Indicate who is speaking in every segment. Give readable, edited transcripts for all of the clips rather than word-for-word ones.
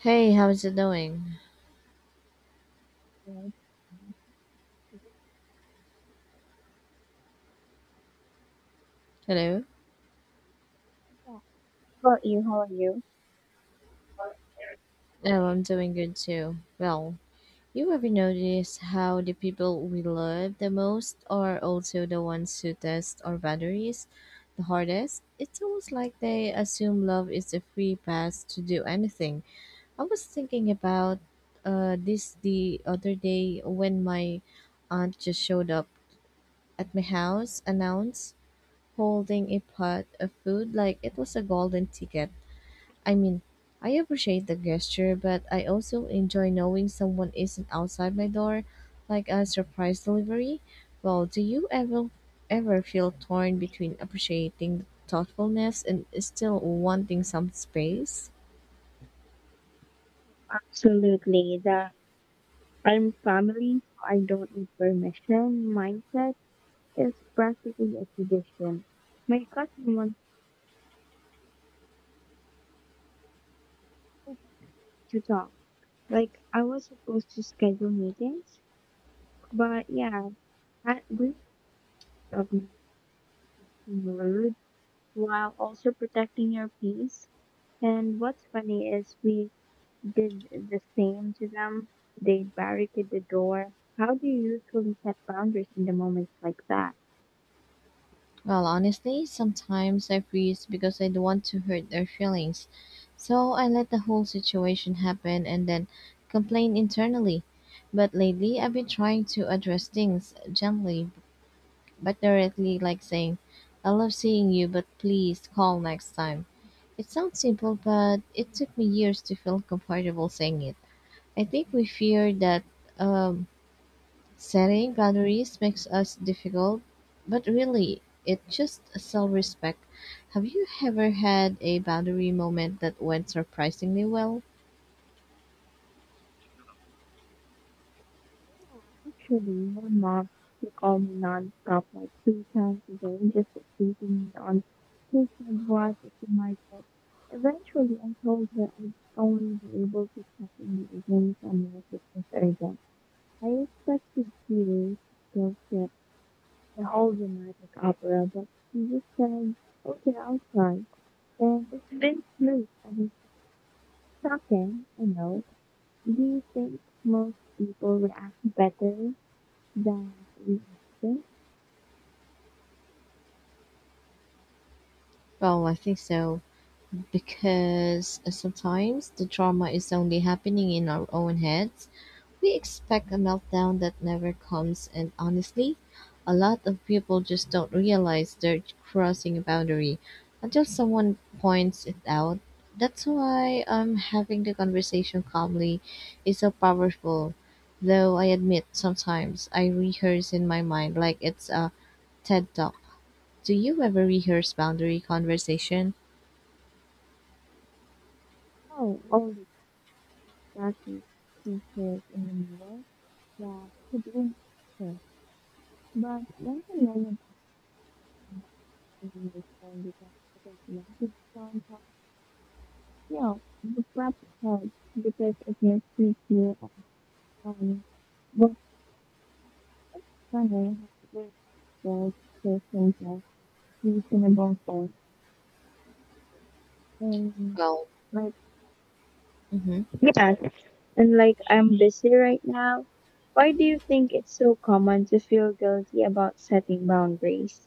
Speaker 1: Hey, how's it going?
Speaker 2: Right.
Speaker 1: Hello?
Speaker 2: Yeah. About you? How are you?
Speaker 1: Oh, I'm doing good too. Well, you ever notice how the people we love the most are also the ones who test our boundaries the hardest? It's almost like they assume love is a free pass to do anything. I was thinking about this the other day when my aunt just showed up at my house, announced holding a pot of food like it was a golden ticket. I mean, I appreciate the gesture, but I also enjoy knowing someone isn't outside my door, like a surprise delivery. Well, do you ever feel torn between appreciating the thoughtfulness and still wanting some space?
Speaker 2: Absolutely. The I'm family, so I don't need permission. Mindset is practically a tradition. My cousin wants to talk. Like I was supposed to schedule meetings, but yeah, that risk of being rude while also protecting your peace. And what's funny is we did the same to them. They barricaded the door. How do you usually set boundaries in the moments like that?
Speaker 1: Well, honestly, sometimes I freeze because I don't want to hurt their feelings. So I let the whole situation happen and then complain internally. But lately, I've been trying to address things gently but directly, like saying, I love seeing you, but please call next time. It sounds simple, but it took me years to feel comfortable saying it. I think we fear that um, setting boundaries makes us difficult, but really, it's just self respect. Have you ever had a boundary moment that went surprisingly well?
Speaker 2: Yeah, actually, my mom would call me non-stop like 2 times a day, just teasing me on taking advice at the market. Eventually, I told her I was only be able to check in the evenings and unless it was urgent. I expressed this fear, the whole dramatic opera, but she just said, okay, I'll try. And it's been smooth ever since. Shocking, I know. Do you think most people react better than we think?
Speaker 1: Well, I think so because sometimes the trauma is only happening in our own heads. We expect a meltdown that never comes and, honestly, a lot of people just don't realize they're crossing a boundary until someone points it out. That's why, having the conversation calmly is so powerful. Though I admit sometimes I rehearse in my mind like it's a TED talk. Do you ever rehearse boundary conversation?
Speaker 2: Oh, all the darkness pieces in the mirror that he didn't kill. But when I learned that in my friend with that second one, the soundtrack, the prep helps because it makes you feel at home Runner with the person that he's in a ball store. And
Speaker 1: Well,
Speaker 2: like
Speaker 1: hmm
Speaker 2: yeah. And like I'm busy right now. Why do you think it's so common to feel guilty about setting boundaries?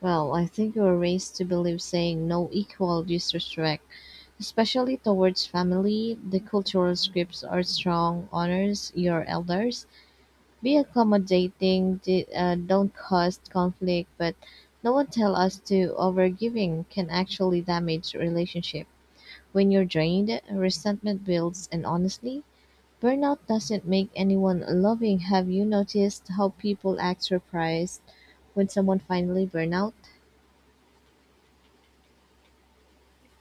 Speaker 1: well, I think you were raised to believe saying no equal disrespect. Especially towards family, the cultural scripts are strong: honors your elders, be accommodating, don't cause conflict, but no one tell us to overgiving can actually damage relationship. When you're drained, resentment builds, and honestly, burnout doesn't make anyone loving. Have you noticed how people act surprised when someone finally burn out?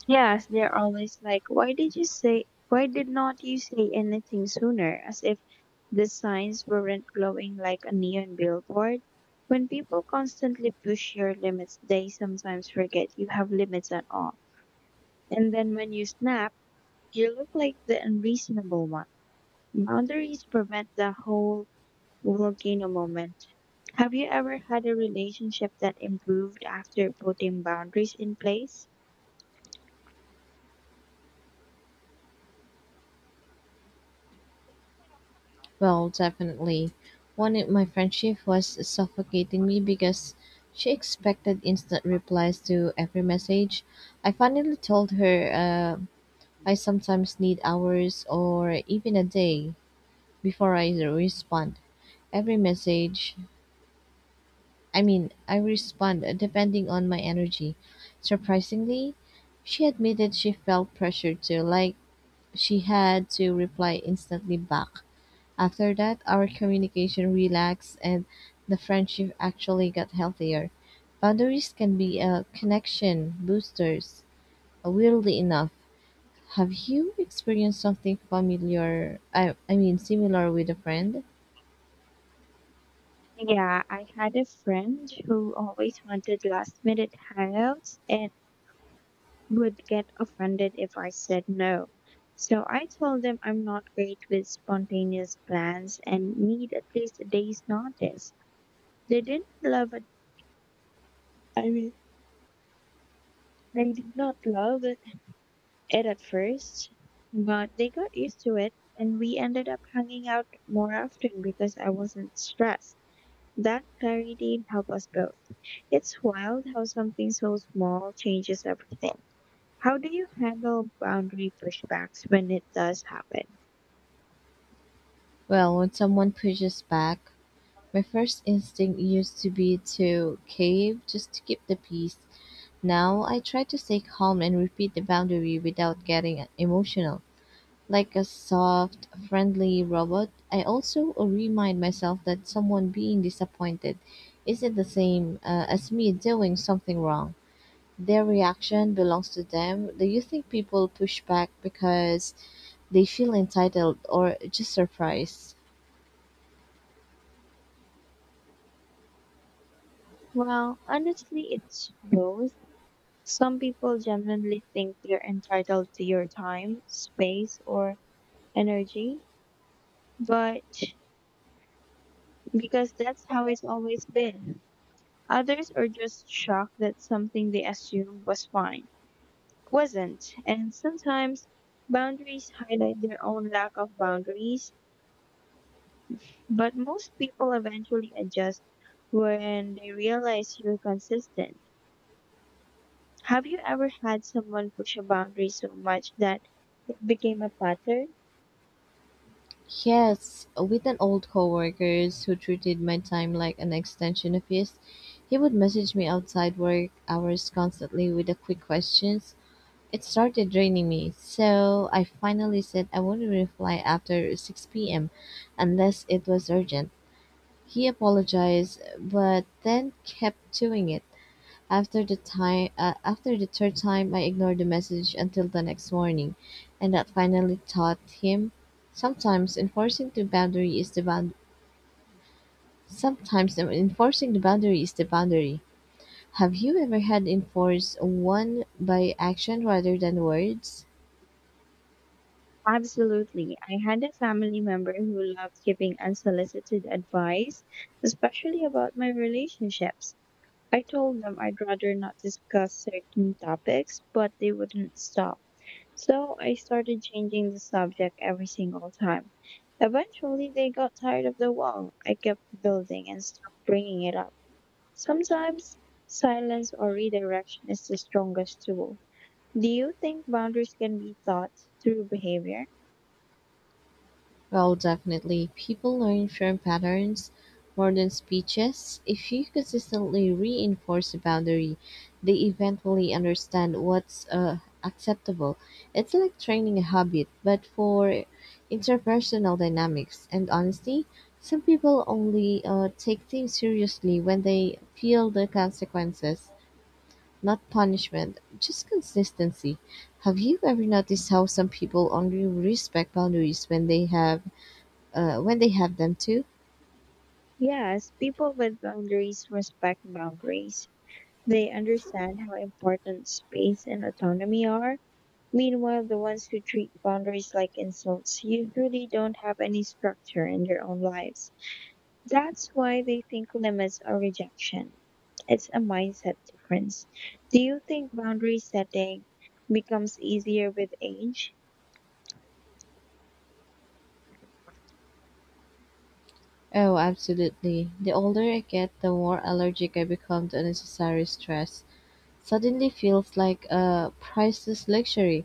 Speaker 2: Yes, they're always like, why did not you say anything sooner? As if the signs weren't glowing like a neon billboard. When people constantly push your limits, they sometimes forget you have limits at all. And then when you snap, you look like the unreasonable one. Boundaries prevent the whole volcano moment. Have you ever had a relationship that improved after putting boundaries in place?
Speaker 1: Well, definitely. One in my friendship was suffocating me because she expected instant replies to every message. I finally told her, I sometimes need hours or even a day before I respond. Every message, I mean, I respond depending on my energy. Surprisingly, she admitted she felt pressured to, like, she had to reply instantly back. After that, our communication relaxed and the friendship actually got healthier. Boundaries can be a connection boosters. Weirdly enough, have you experienced something familiar? I mean, similar with a friend?
Speaker 2: Yeah, I had a friend who always wanted last minute hangouts and would get offended if I said no. So I told them I'm not great with spontaneous plans and need at least a day's notice. They didn't love it. I mean, they did not love it at first, but they got used to it and we ended up hanging out more often because I wasn't stressed. That clarity helped us both. It's wild how something so small changes everything. How do you handle boundary pushbacks when it does happen?
Speaker 1: Well, when someone pushes back, my first instinct used to be to cave just to keep the peace. Now I try to stay calm and repeat the boundary without getting emotional. Like a soft, friendly robot, I also remind myself that someone being disappointed isn't the same, as me doing something wrong. Their reaction belongs to them. Do you think people push back because they feel entitled or just surprised?
Speaker 2: Well, honestly, it's both. Some people genuinely think they're entitled to your time, space, or energy, but because that's how it's always been. Others are just shocked that something they assumed was fine wasn't. And sometimes boundaries highlight their own lack of boundaries, but most people eventually adjust when they realize you're consistent. Have you ever had someone push a boundary so much that it became a pattern?
Speaker 1: Yes, with an old coworkers who treated my time like an extension of his, he would message me outside work hours constantly with a quick question. It started draining me, so I finally said I wouldn't reply after 6 p.m. unless it was urgent. He apologized, but then kept doing it. After the third time, I ignored the message until the next morning, and that finally taught him. Sometimes enforcing the boundary is the bound. Sometimes enforcing the boundary is the boundary. Have you ever had enforced one by action rather than words?
Speaker 2: Absolutely. I had a family member who loved giving unsolicited advice, especially about my relationships. I told them I'd rather not discuss certain topics, but they wouldn't stop. So I started changing the subject every single time. Eventually, they got tired of the wall I kept building and stopped bringing it up. Sometimes, silence or redirection is the strongest tool. Do you think boundaries can be taught through behavior?
Speaker 1: Well, definitely. People learn from patterns more than speeches. If you consistently reinforce a boundary, they eventually understand what's, acceptable. It's like training a habit, but for interpersonal dynamics and honesty, some people only take things seriously when they feel the consequences, not punishment, just consistency. Have you ever noticed how some people only respect boundaries when they have them too?
Speaker 2: Yes, people with boundaries respect boundaries. They understand how important space and autonomy are. Meanwhile, the ones who treat boundaries like insults usually don't have any structure in their own lives. That's why they think limits are rejection. It's a mindset difference. Do you think boundary setting becomes easier with age?
Speaker 1: Oh, absolutely. The older I get, the more allergic I become to unnecessary stress. Suddenly feels like a priceless luxury.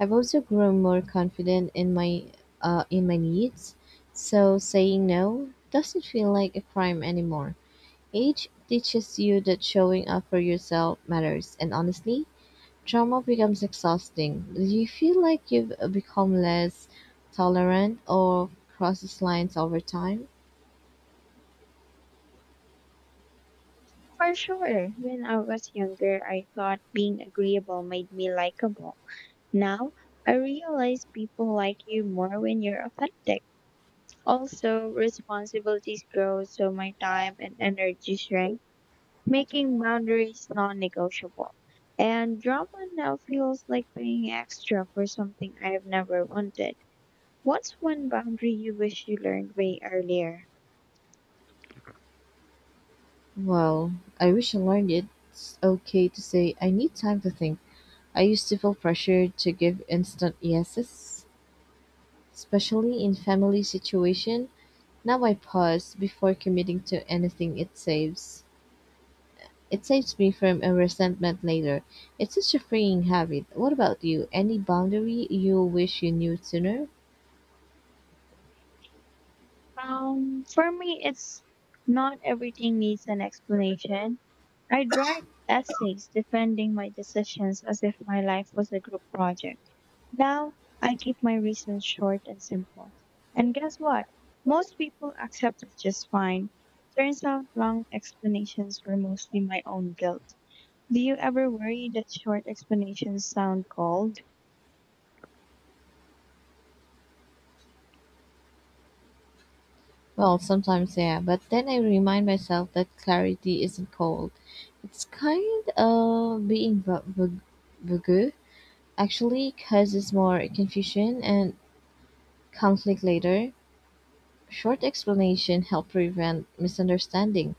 Speaker 1: I've also grown more confident in my needs, so saying no doesn't feel like a crime anymore. Age teaches you that showing up for yourself matters, and honestly, trauma becomes exhausting. Do you feel like you've become less tolerant or crosses lines over time?
Speaker 2: For sure. When I was younger, I thought being agreeable made me likable. Now, I realize people like you more when you're authentic. Also, responsibilities grow, so my time and energy shrink, making boundaries non negotiable. And drama now feels like paying extra for something I've never wanted. What's one boundary you wish you learned way earlier?
Speaker 1: Well, I wish I learned it's okay to say I need time to think. I used to feel pressured to give instant yeses, especially in family situation. Now I pause before committing to anything it saves. It saves me from a resentment later. It's such a freeing habit. What about you? Any boundary you wish you knew sooner?
Speaker 2: For me, it's not everything needs an explanation. I'd write essays defending my decisions as if my life was a group project. Now, I keep my reasons short and simple. And guess what? Most people accept it just fine. Turns out long explanations were mostly my own guilt. Do you ever worry that short explanations sound cold?
Speaker 1: Well, sometimes, yeah, but then I remind myself that clarity isn't cold. It's kind of being vague, actually, causes more confusion and conflict later. Short explanation help prevent misunderstanding,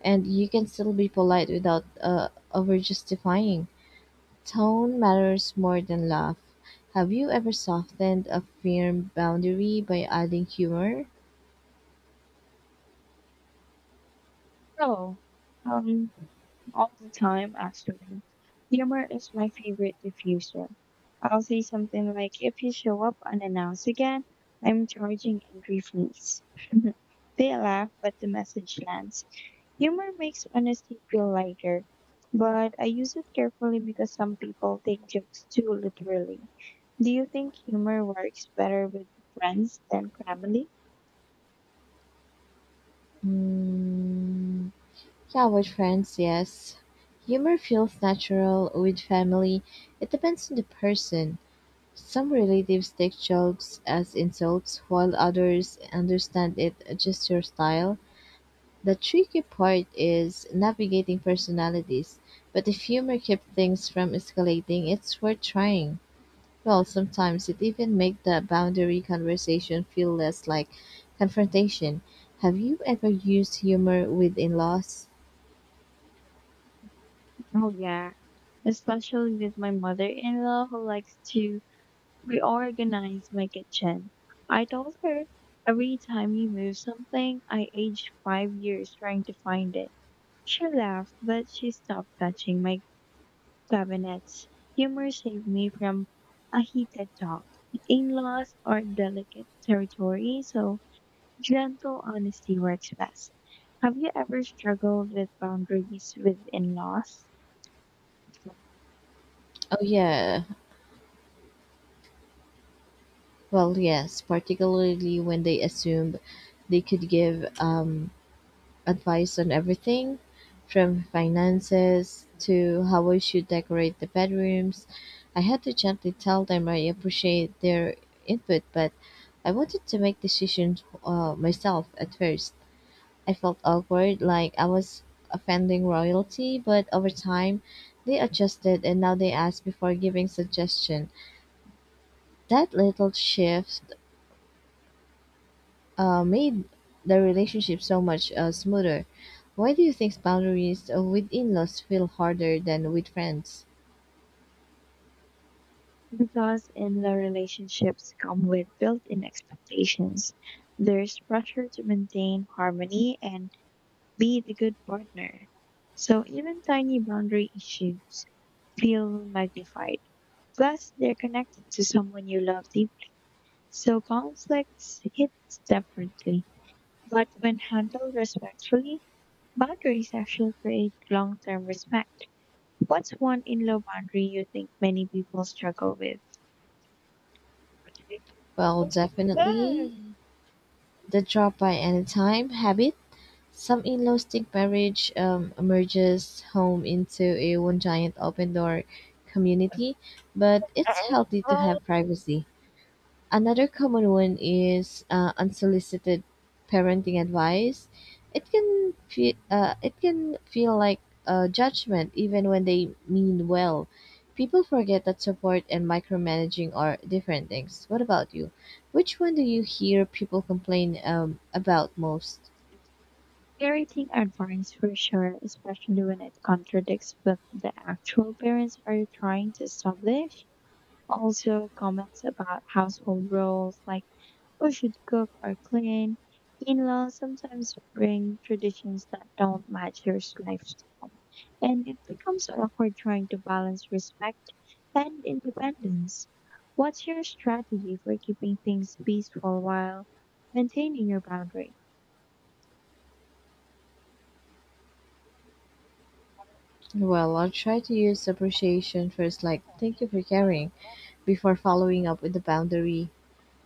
Speaker 1: and you can still be polite without over justifying. Tone matters more than laugh. Have you ever softened a firm boundary by adding humor?
Speaker 2: Oh, um, all the time, actually. Humor is my favorite diffuser. I'll say something like, if you show up unannounced again, I'm charging angry fleas. They laugh, but the message lands. Humor makes honesty feel lighter, but I use it carefully because some people take jokes too literally. Do you think humor works better with friends than family?
Speaker 1: Mm. Yeah, with friends, yes. Humor feels natural. With family, it depends on the person. Some relatives take jokes as insults, while others understand it just your style. The tricky part is navigating personalities, but if humor keeps things from escalating, it's worth trying. Well, sometimes it even makes the boundary conversation feel less like confrontation. Have you ever used humor with in-laws?
Speaker 2: Oh yeah, especially with my mother-in-law who likes to reorganize my kitchen. I told her every time you move something, I aged 5 years trying to find it. She laughed, but she stopped touching my cabinets. Humor saved me from a heated talk. In laws are delicate territory, so gentle honesty works best. Have you ever struggled with boundaries with in laws?
Speaker 1: Oh yeah, well, yes, particularly when they assumed they could give, advice on everything from finances to how I should decorate the bedrooms. I had to gently tell them I appreciate their input, but I wanted to make decisions myself at first. I felt awkward, like I was offending royalty, but over time, they adjusted and now they ask before giving suggestion. That little shift made the relationship so much smoother. Why do you think boundaries, with in-laws feel harder than with friends?
Speaker 2: Because in law relationships come with built in expectations. There's pressure to maintain harmony and be the good partner. So even tiny boundary issues feel magnified. Plus, they're connected to someone you love deeply. So conflicts hit differently. But when handled respectfully, boundaries actually create long term respect. What's one in law boundary you think many people struggle with?
Speaker 1: Well, definitely
Speaker 2: Then,
Speaker 1: the drop by any time habit. Some in-laws think marriage, merges home into a one giant open door community, but it's
Speaker 2: I-
Speaker 1: healthy to
Speaker 2: well,
Speaker 1: have privacy. Another common one is unsolicited parenting advice. It can feel like a judgment even when they mean well. People forget that support and micromanaging are different things. What about you? Which one do you hear people complain about most?
Speaker 2: parenting advice for sure, especially when it contradicts with the actual parents are trying to establish. Also, comments about household roles like who should cook or clean. In-laws sometimes bring traditions that don't match your lifestyle, and it becomes awkward trying to balance respect and independence. What's your strategy for keeping things peaceful while maintaining your boundary?
Speaker 1: Well, I'll try to use appreciation first, like thank you for caring, before following up with the boundary.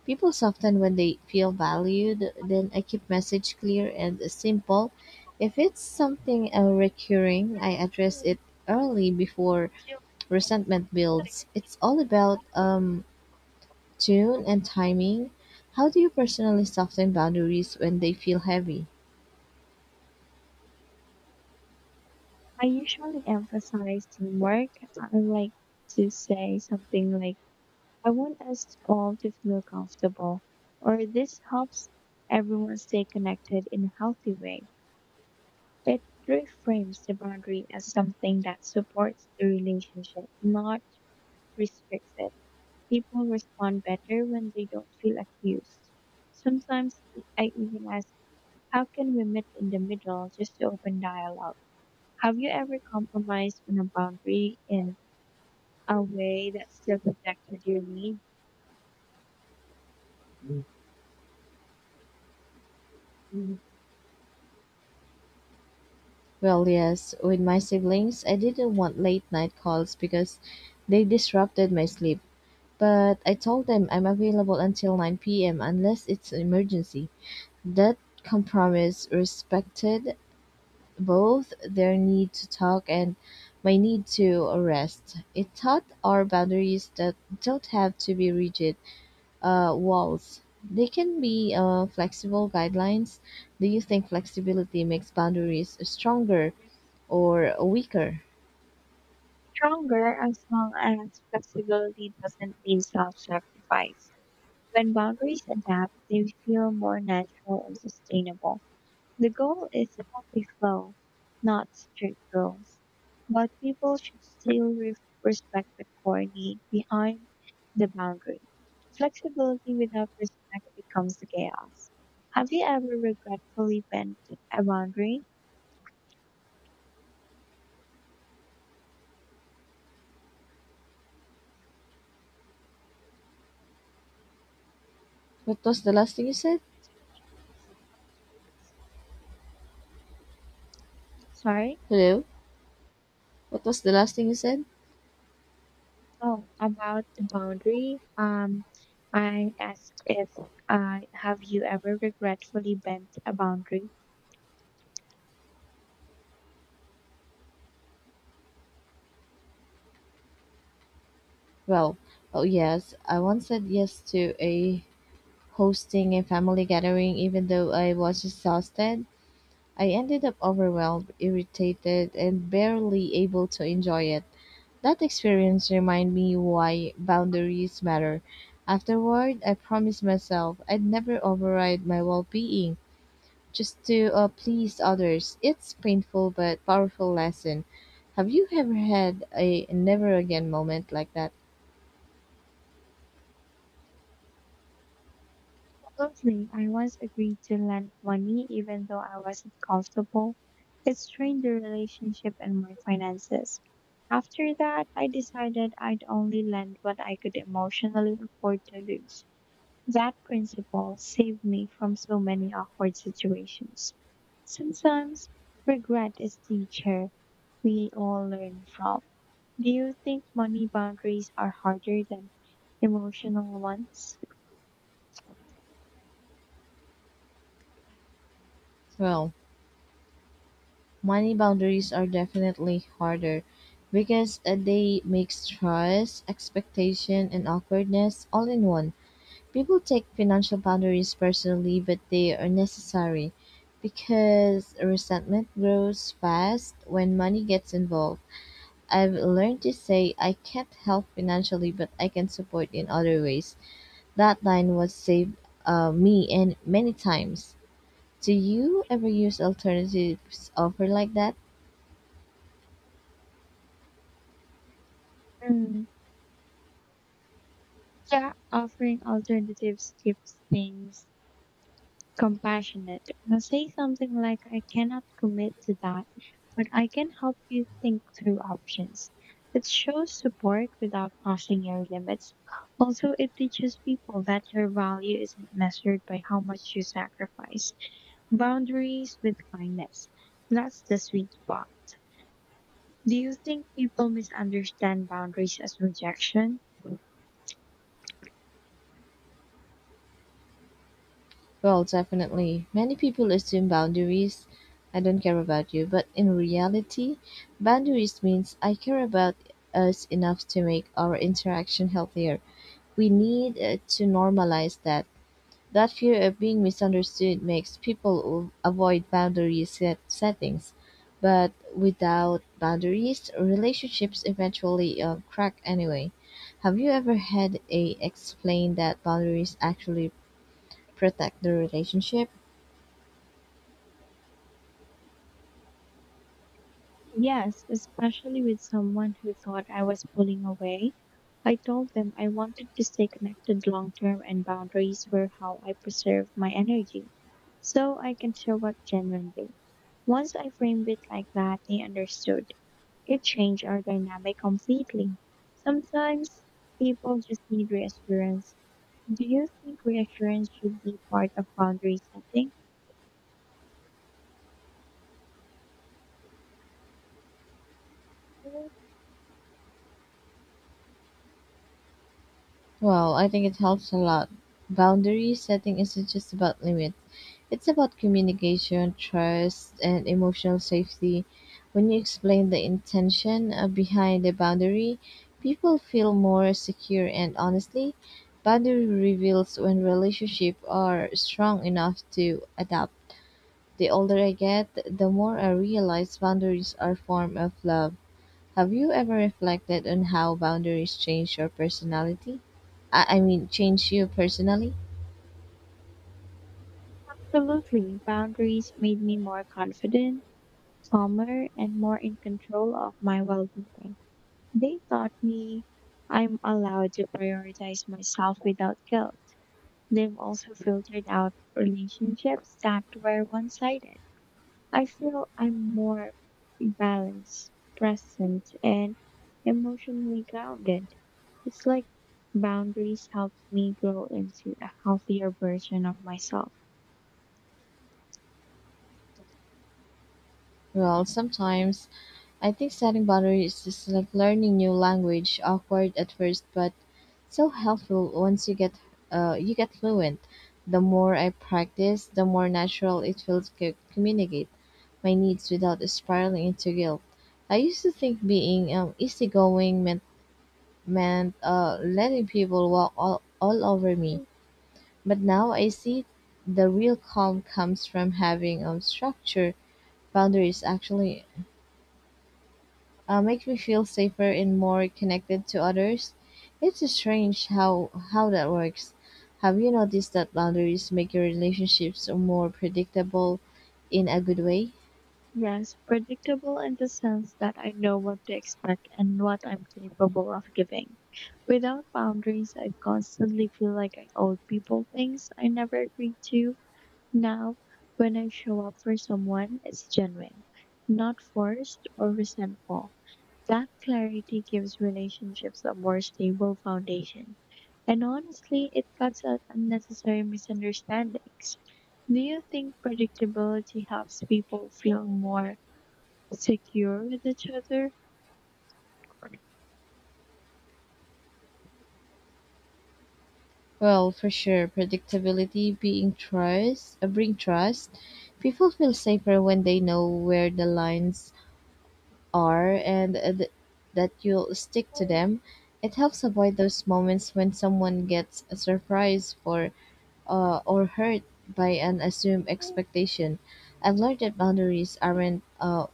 Speaker 1: People soften when they feel valued. Then I keep message clear and simple. If it's something recurring, I address
Speaker 2: Hmm.
Speaker 1: it early before resentment builds. It's all about, tune and timing. How do you personally soften boundaries when they feel heavy?
Speaker 2: I usually emphasize teamwork. I like to say something like, I want us all to feel comfortable, or this helps everyone stay connected in a healthy way. It reframes the boundary as something that supports the relationship, not restricts it. People respond better when they don't feel accused. Sometimes I even ask, how can we meet in the middle just to open dialogue? Have you ever compromised on a boundary in a way that still protected your needs? Mm,
Speaker 1: Well, yes, with my siblings, I didn't want late night calls because they disrupted my sleep. But I told them I'm available until 9 p.m. unless it's an emergency. That compromise respected both their need to talk and my need to rest. It taught our boundaries that don't have to be rigid, walls. They can be flexible guidelines. Do you think flexibility makes boundaries stronger or weaker?
Speaker 2: stronger as well as flexibility doesn't mean self sacrifice. When boundaries adapt, they feel more natural and sustainable. The goal is a healthy flow, not strict rules. But people should still respect the core need behind the boundary. Flexibility without respect becomes chaos. Have you ever regretfully bent a boundary?
Speaker 1: What was the last thing you said?
Speaker 2: Sorry?
Speaker 1: Hello? What was the last thing you said?
Speaker 2: Oh, about the boundary, I asked if have you ever regretfully bent a boundary?
Speaker 1: Well, oh yes, I once said yes to a hosting a family gathering even though I was exhausted. I ended up overwhelmed, irritated, and barely able to enjoy it. That experience reminded me why boundaries matter. Afterward, I promised myself I'd never override my well being just to, please others. It's painful but powerful lesson. Have you ever had a never again moment like that?
Speaker 2: Absolutely. I once agreed to lend money even though I wasn't comfortable. It strained the relationship and my finances. After that, I decided I'd only lend what I could emotionally afford to lose. That principle saved me from so many awkward situations. Sometimes regret is the teacher we all learn from. Do you think money boundaries are harder than emotional ones?
Speaker 1: Well, money boundaries are definitely harder because they mix trust, expectation, and awkwardness all in one. People take financial boundaries personally, but they are necessary because resentment grows fast when money gets involved. I've learned to say I can't help financially, but I can support in other ways. That line was saved, me and many times. Do you ever use alternatives offer like that?
Speaker 2: Mm, yeah, offering alternatives keeps things compassionate. Now say something like, I cannot commit to that, but I can help you think through options. It shows support without crossing your limits. Also, it teaches people that your value isn't measured by how much you sacrifice. Boundaries with kindness. That's the sweet spot. Do you think people misunderstand boundaries as rejection?
Speaker 1: Well, definitely. Many people assume boundaries. I don't care about you. But in reality, boundaries means I care about us enough to make our interaction healthier. We need to normalize that. That fear of being misunderstood makes people avoid boundary settings. But without boundaries, relationships eventually crack anyway. Have you ever had a explain that boundaries actually protect the relationship?
Speaker 2: Yes, especially with someone who thought I was pulling away. I told them I wanted to stay connected long term and boundaries were how I preserved my energy. So I can show up genuinely. Once I framed it like that, they understood. It changed our dynamic completely. Sometimes people just need reassurance. Do you think reassurance should be part of boundary setting?
Speaker 1: Well, I think it helps a lot. Boundary setting isn't just about limit. It's about communication, trust, and emotional safety. When you explain the intention behind the boundary, people feel more secure and, honestly, boundary reveals when relationships are strong enough to adapt. The older I get, the more I realize boundaries are form of love. Have you ever reflected on how boundaries change your personality? I mean, change you personally?
Speaker 2: Absolutely. Boundaries made me more confident calmer, and more in control of my well being. They taught me I'm allowed to prioritize myself without guilt. They've also filtered out relationships that were one sided. I feel I'm more balanced, present, and emotionally grounded. It's like boundaries help me grow into a healthier version of myself.
Speaker 1: Well, sometimes I think setting boundaries is like learning new language, awkward at first, but so helpful once you get fluent. The more I practice, the more natural it feels to communicate my needs without spiraling into guilt. I used to think being, easygoing meant letting people walk all over me. But now I see the real calm comes from having structure. Boundaries actually make me feel safer and more connected to others. It's strange how that works. Have you noticed that boundaries make your relationships more predictable in a good way?
Speaker 2: Yes, predictable in the sense that I know what to expect and what I'm capable of giving. Without boundaries, I constantly feel like I owe people things I never agreed to. Now, when I show up for someone, it's genuine, not forced or resentful. That clarity gives relationships a more stable foundation. And honestly, it cuts out unnecessary misunderstandings. Do you think predictability helps people feel more secure with each other?
Speaker 1: Well, for sure, predictability bring trust. People feel safer when they know where the lines are, and that you'll stick to them. It helps avoid those moments when someone gets surprised, for or hurt by an assumed expectation. I've learned that boundaries aren't,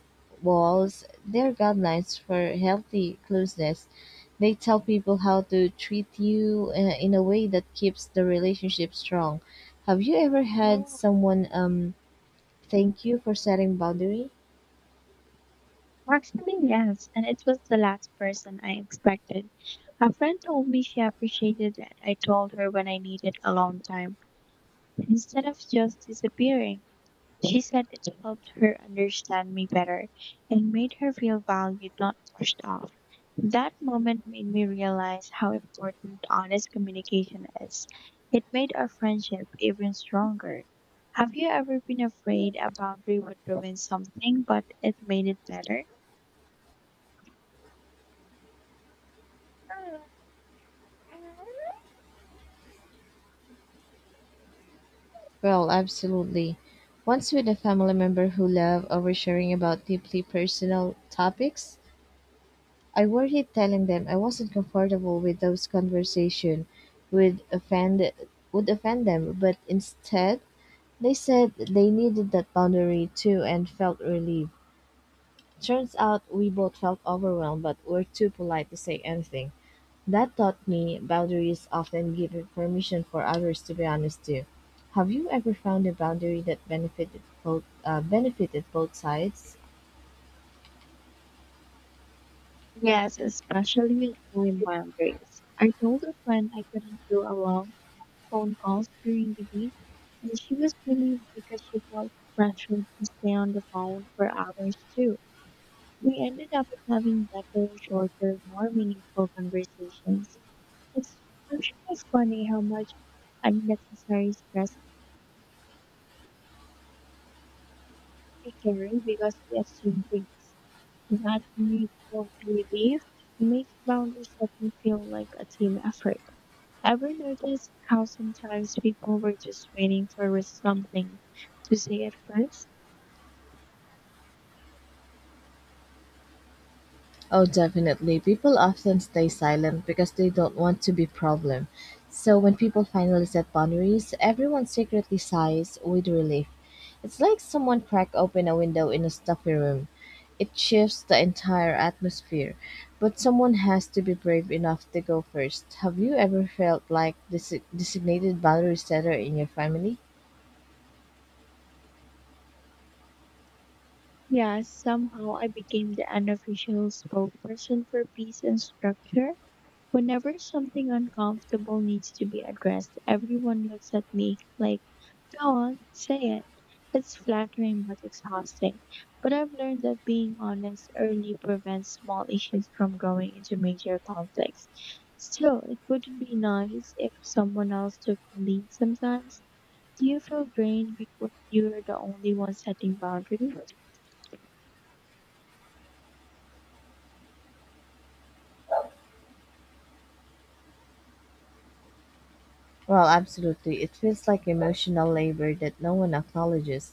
Speaker 1: walls; they're guidelines for healthy closeness. They tell people how to treat you in a way that keeps the relationship strong. Have you ever had someone, thank you for setting boundaries?
Speaker 2: Actually, yes, and it was the last person I expected. A friend told me she appreciated that I told her when I needed alone time instead of just disappearing. She said it helped her understand me better and made her feel valued, not pushed off. That moment made me realize how important honest communication is. It made our friendship even stronger. Have you ever been afraid a boundary would ruin something, but it made it better?
Speaker 1: Well, absolutely. Once with a family member who loved oversharing about deeply personal topics, I worried telling them I wasn't comfortable with those conversation would offend would offend them, but instead they said they needed that boundary too and felt relieved. Turns out we both felt overwhelmed but were too polite to say anything. That taught me boundaries often give permission for others to be honest too. Have you ever found a boundary that benefited both sides?
Speaker 2: Yes, especially with time boundaries. I told a friend I couldn't do a long phone calls during the week, and she was relieved because she felt pressured to stay on the phone for hours too. We ended up having better, shorter, more meaningful conversations. It's actually funny how much unnecessary stress we carry because we assume things. That mutual relief makes boundary setting feel like a team effort. Ever notice how sometimes people were just waiting for something to say at first?
Speaker 1: Oh, definitely. People often stay silent because they don't want to be problem. So when people finally set boundaries, everyone secretly sighs with relief. It's like someone cracked open a window in a stuffy room. It shifts the entire atmosphere, but someone has to be brave enough to go first. Have you ever felt like this designated boundary setter in your family?
Speaker 2: Yes, somehow I became the unofficial spokesperson for peace and structure. Whenever something uncomfortable needs to be addressed, everyone looks at me like, go on, say it. It's flattering but exhausting. But I've learned that being honest early prevents small issues from growing into major conflicts. Still, it would be nice if someone else took the lead sometimes. Do you feel drained because you're the only one setting boundaries?
Speaker 1: Well, absolutely. It feels like emotional labor that no one acknowledges.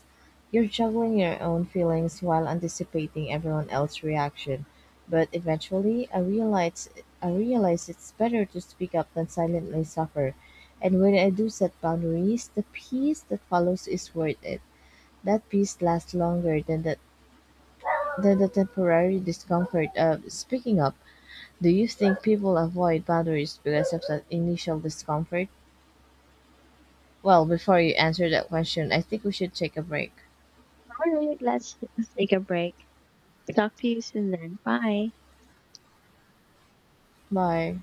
Speaker 1: You're juggling your own feelings while anticipating everyone else's reaction. But eventually, I realize it's better to speak up than silently suffer. And when I do set boundaries, the peace that follows is worth it. That peace lasts longer than the temporary discomfort of speaking up. Do you think people avoid boundaries because of that initial discomfort? Well, before you answer that question, I think we should take a break.
Speaker 2: Alright, let's take a break. Talk to you soon then. Bye.
Speaker 1: Bye.